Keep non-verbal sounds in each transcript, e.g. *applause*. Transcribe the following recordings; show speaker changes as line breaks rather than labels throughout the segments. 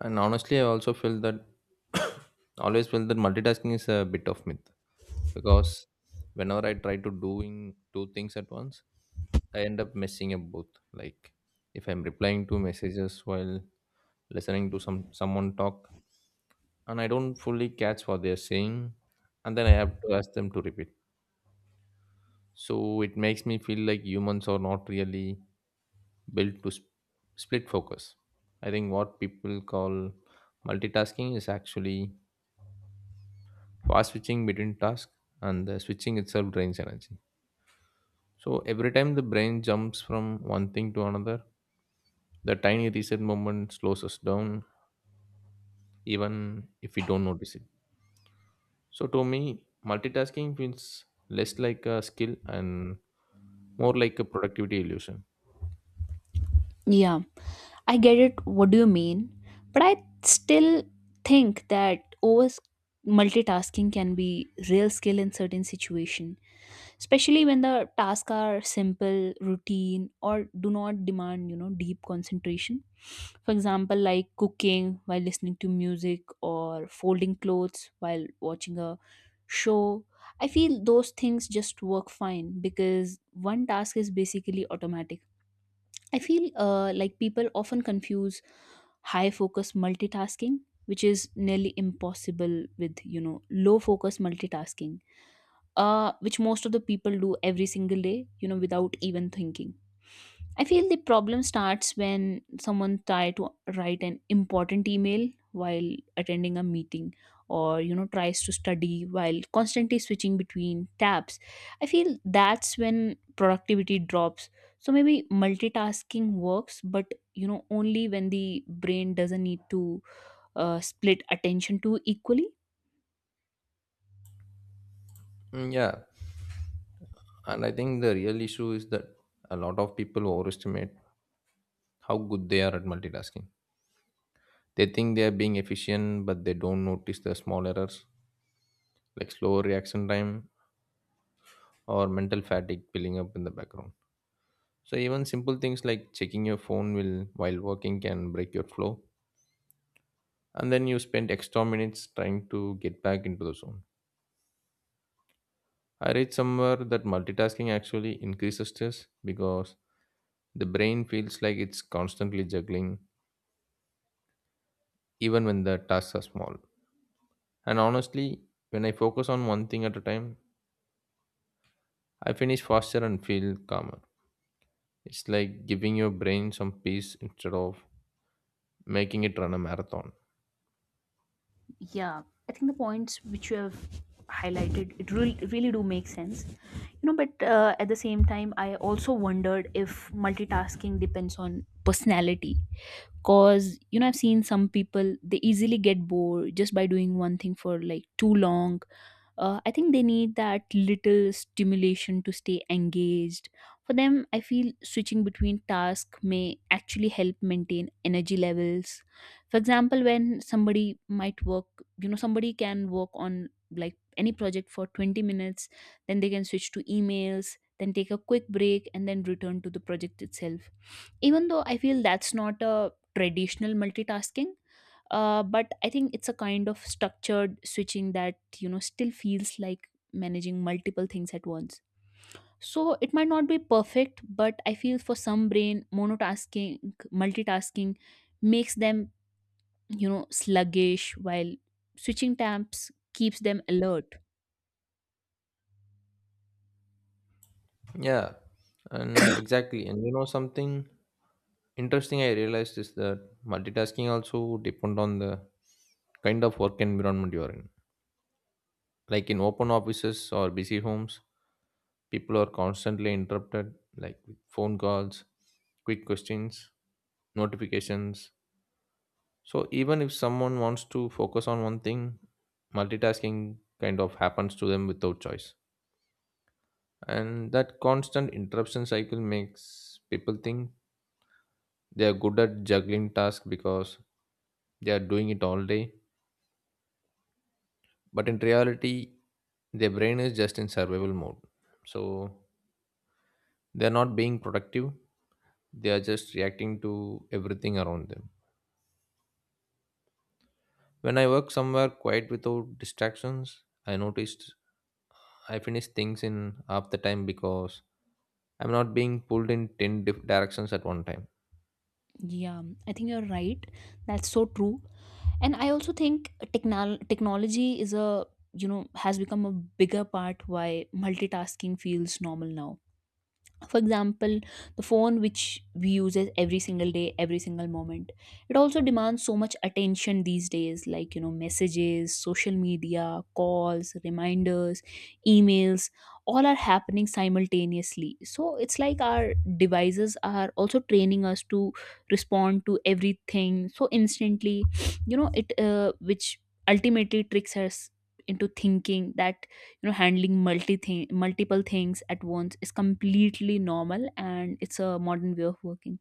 And honestly, I also feel that *coughs* always feel that multitasking is a bit of myth because whenever I try to doing two things at once, I end up messing up both. Like if I'm replying to messages while listening to someone talk, and I don't fully catch what they're saying, and then I have to ask them to repeat. So it makes me feel like humans are not really built to split focus. I think what people call multitasking is actually fast switching between tasks, and the switching itself drains energy. So every time the brain jumps from one thing to another, the tiny reset moment slows us down, even if we don't notice it. So to me, multitasking feels less like a skill and more like a productivity illusion.
Yeah, I get it. What do you mean? But I still think that over multitasking can be real skill in certain situation, especially when the tasks are simple, routine, or do not demand deep concentration. For example, like cooking while listening to music or folding clothes while watching a show. I feel those things just work fine because one task is basically automatic. I feel like people often confuse high focus multitasking, which is nearly impossible, with low focus multitasking, which most of the people do every single day, without even thinking. I feel the problem starts when someone try to write an important email while attending a meeting or tries to study while constantly switching between tabs. I feel that's when productivity drops. So maybe multitasking works but only when the brain doesn't need to split attention too equally.
Mm, yeah, and I think the real issue is that a lot of people overestimate how good they are at multitasking. They think they are being efficient, but they don't notice the small errors like slow reaction time or mental fatigue building up in the background. So even simple things like checking your phone will while working can break your flow, and then you spend extra minutes trying to get back into the zone. I read somewhere that multitasking actually increases stress because the brain feels like it's constantly juggling, even when the tasks are small. And honestly, when I focus on one thing at a time, I finish faster and feel calmer. It's like giving your brain some peace instead of making it run a marathon.
Yeah, I think the points which you have highlighted it really do make sense. You know, but at the same time, I also wondered if multitasking depends on personality. Cause you know, I've seen some people they easily get bored just by doing one thing for like too long. I think they need that little stimulation to stay engaged. For them I feel switching between tasks may actually help maintain energy levels. For example, when somebody might work you know somebody can work on like any project for 20 minutes, then they can switch to emails, then take a quick break and then return to the project itself. Even though I feel that's not a traditional multitasking, but I think it's a kind of structured switching that still feels like managing multiple things at once. So it might not be perfect, but I feel for some brain monotasking multitasking makes them sluggish while switching tabs keeps them alert.
Yeah, and exactly. And you know something interesting I realized is that multitasking also depend on the kind of work environment you are in. Like in open offices or busy homes, people are constantly interrupted, like with phone calls, quick questions, notifications. So even if someone wants to focus on one thing, multitasking kind of happens to them without choice. And that constant interruption cycle makes people think they are good at juggling tasks because they are doing it all day. But in reality, their brain is just in survival mode. So they're not being productive, they are just reacting to everything around them. When I work somewhere quiet without distractions, I noticed I finish things in half the time because I'm not being pulled in 10 directions at one time.
Yeah, I think you're right, that's so true. And I also think technology is a has become a bigger part why multitasking feels normal now. For example, the phone which we use it every single day, every single moment, it also demands so much attention these days, like messages, social media, calls, reminders, emails, all are happening simultaneously. So it's like our devices are also training us to respond to everything so instantly, you know it which ultimately tricks us into thinking that handling multiple things at once is completely normal and it's a modern way of working.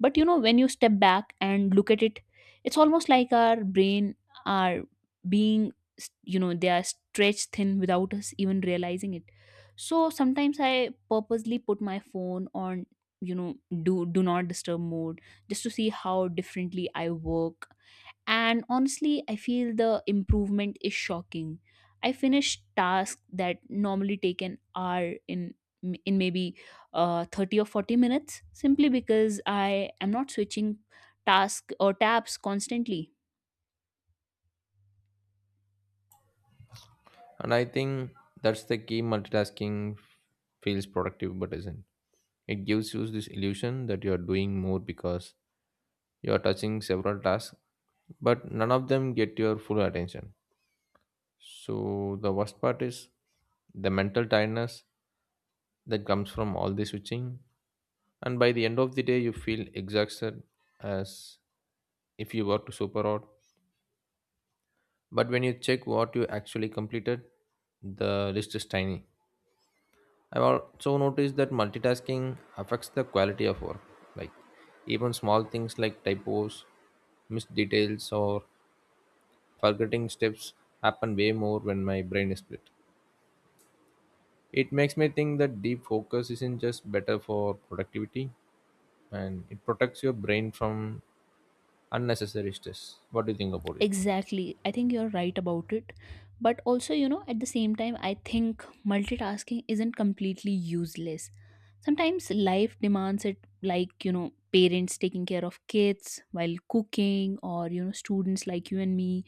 But you know, when you step back and look at it, it's almost like our brain are being they are stretched thin without us even realizing it. So sometimes I purposely put my phone on you know do not disturb mode, just to see how differently I work. And honestly, I feel the improvement is shocking. I finished tasks that normally take an hour in maybe 30 or 40 minutes, simply because I am not switching tasks or tabs constantly.
And I think that's the key. Multitasking feels productive but isn't. It gives you this illusion that you are doing more because you are touching several tasks, but none of them get your full attention. So the worst part is the mental tiredness that comes from all the switching, and by the end of the day you feel exhausted as if you worked super hard, but when you check what you actually completed, the list is tiny. I've also noticed that multitasking affects the quality of work, like even small things like typos, missed details or forgetting steps happen way more when my brain is split. It makes me think that deep focus isn't just better for productivity, and it protects your brain from unnecessary stress. What do you think about it?
Exactly. I think you're right about it. But also, you know, at the same time, I think multitasking isn't completely useless. Sometimes life demands it, like, you know, parents taking care of kids while cooking, or, you know, students like you and me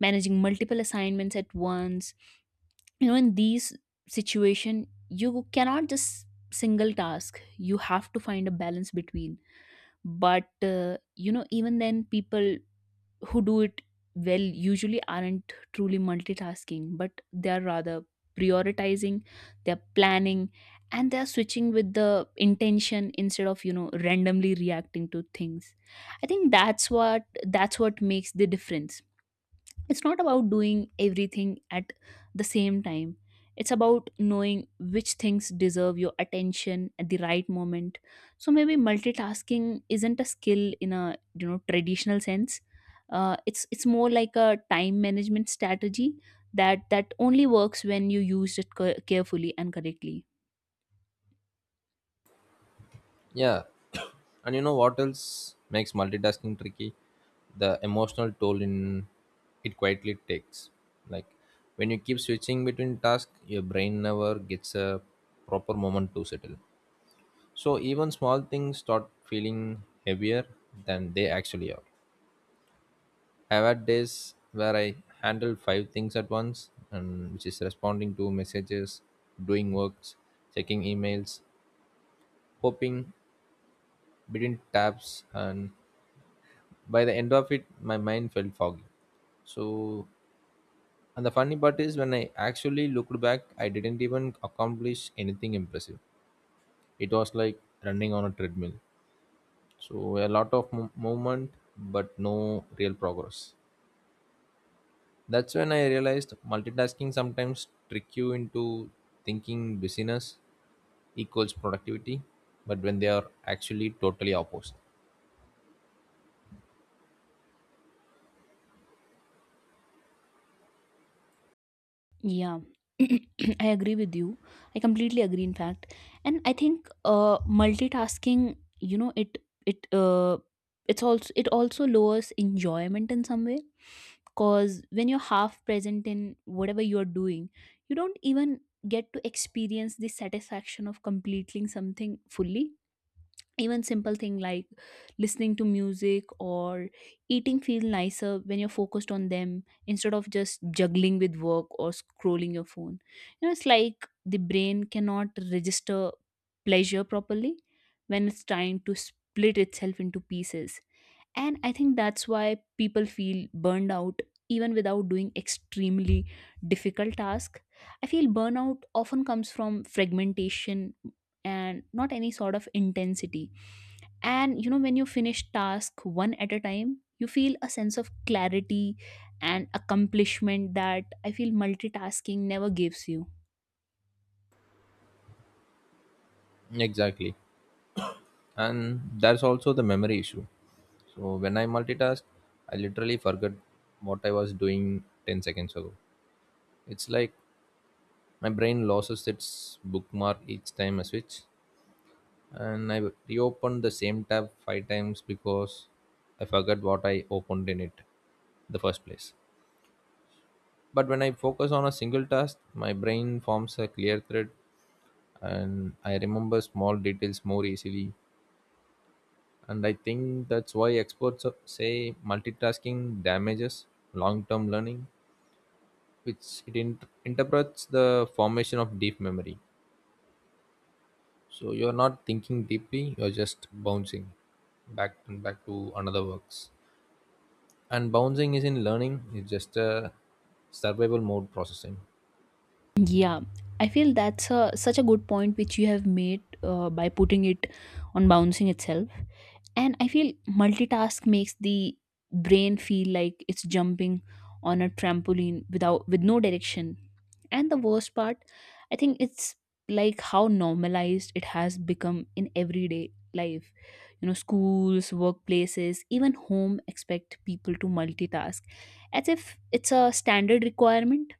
managing multiple assignments at once. You know, in these situation you cannot just single task, you have to find a balance between. But you know, even then people who do it well usually aren't truly multitasking, but they are rather prioritizing, they're planning, and they're switching with the intention instead of randomly reacting to things. I think that's what makes the difference. It's not about doing everything at the same time. It's about knowing which things deserve your attention at the right moment. So maybe multitasking isn't a skill in a traditional sense. It's more like a time management strategy that only works when you use it carefully and correctly.
Yeah. *coughs* And you know what else makes multitasking tricky? The emotional toll in it quietly takes. Like when you keep switching between tasks, your brain never gets a proper moment to settle. So even small things start feeling heavier than they actually are. I've had days where I handle five things at once, and which is responding to messages, doing works, checking emails, hopping between tabs, and by the end of it, my mind felt foggy. So, and the funny part is, when I actually looked back, I didn't even accomplish anything impressive. It was like running on a treadmill. So a lot of movement, but no real progress. That's when I realized multitasking sometimes trick you into thinking busyness equals productivity, but when they are actually totally opposed.
Yeah, *clears throat* I agree with you. I completely agree, in fact. And I think multitasking, you know, it it also lowers enjoyment in some way. Cause when you're half present in whatever you're doing, you don't even get to experience the satisfaction of completing something fully. Even simple thing like listening to music or eating feel nicer when you're focused on them instead of just juggling with work or scrolling your phone. You know, it's like the brain cannot register pleasure properly when it's trying to split itself into pieces. And I think that's why people feel burned out even without doing extremely difficult task. I feel burnout often comes from fragmentation and not any sort of intensity. And you know, when you finish task one at a time, you feel a sense of clarity and accomplishment that I feel multitasking never gives you.
Exactly. And that's also the memory issue. So when I multitask, I literally forget what I was doing 10 seconds ago. It's like my brain loses its bookmark each time I switch, and I reopened the same tab five times because I forgot what I opened in it the first place. But when I focus on a single task, my brain forms a clear thread and I remember small details more easily. And I think that's why experts say multitasking damages long term learning, which it interprets the formation of deep memory. So you're not thinking deeply, you're just bouncing back and back to another works, and bouncing is in learning. It's just a survival mode processing.
Yeah, I feel that's a, such a good point which you have made by putting it on bouncing itself. And I feel multitask makes the brain feel like it's jumping on a trampoline with no direction. And the worst part, I think, it's like how normalized it has become in everyday life. You know, schools, workplaces, even home expect people to multitask as if it's a standard requirement.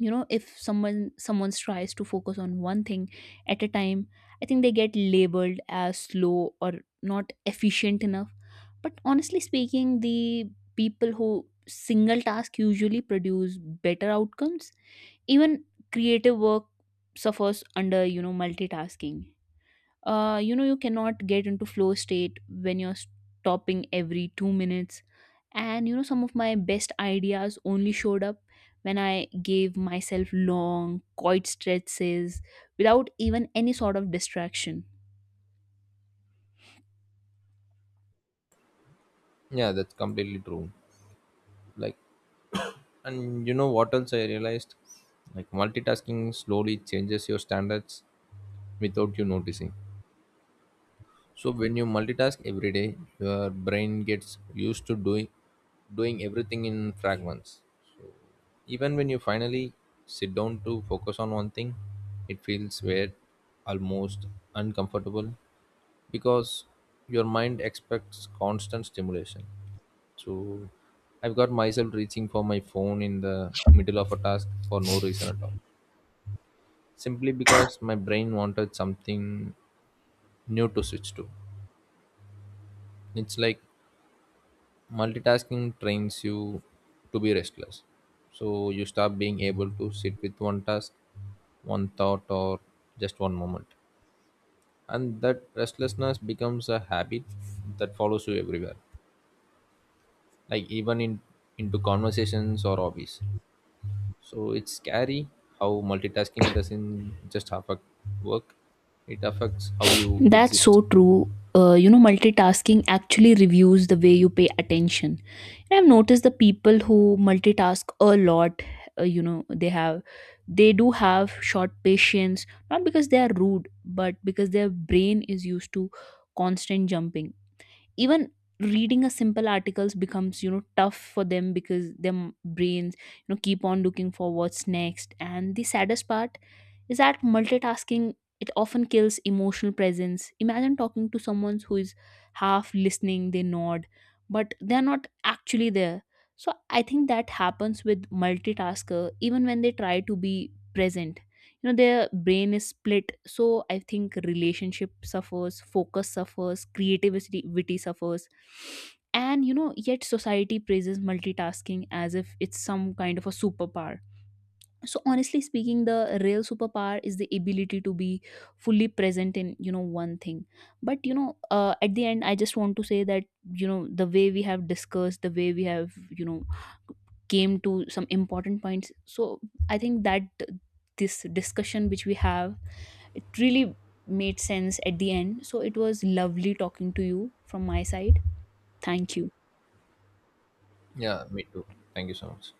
You know, if someone tries to focus on one thing at a time, I think they get labeled as slow or not efficient enough. But honestly speaking, the people who single task usually produce better outcomes. Even creative work suffers under multitasking. You know, you cannot get into flow state when you're stopping every 2 minutes. And you know, some of my best ideas only showed up when I gave myself long quiet stretches without even any sort of distraction.
Yeah, that's completely true. Like, and you know what else I realized, like multitasking slowly changes your standards without you noticing. So when you multitask every day, your brain gets used to doing everything in fragments. So even when you finally sit down to focus on one thing, it feels weird, almost uncomfortable, because your mind expects constant stimulation. So I've got myself reaching for my phone in the middle of a task for no reason at all, simply because my brain wanted something new to switch to. It's like multitasking trains you to be restless, so you stop being able to sit with one task, one thought, or just one moment, and that restlessness becomes a habit that follows you everywhere, like even in into conversations or hobbies. So it's scary how multitasking doesn't just affect work, it affects how you
That's
exist.
so true. You know, multitasking actually reviews the way you pay attention. And I've noticed the people who multitask a lot, you know, they do have short patience, not because they are rude, but because their brain is used to constant jumping. Even reading a simple articles becomes tough for them because their brains keep on looking for what's next. And the saddest part is that multitasking it often kills emotional presence. Imagine talking to someone who is half listening, they nod but they're not actually there. So I think that happens with multitasker even when they try to be present. You know, their brain is split, so I think relationship suffers, focus suffers, creativity suffers. And you know, yet society praises multitasking as if it's some kind of a superpower. So honestly speaking, the real superpower is the ability to be fully present in one thing. But you know, at the end I just want to say that, you know, the way we have discussed, the way we have came to some important points, so I think that this discussion which we have, it really made sense at the end. So it was lovely talking to you from my side. Thank you.
Yeah, me too. Thank you so much.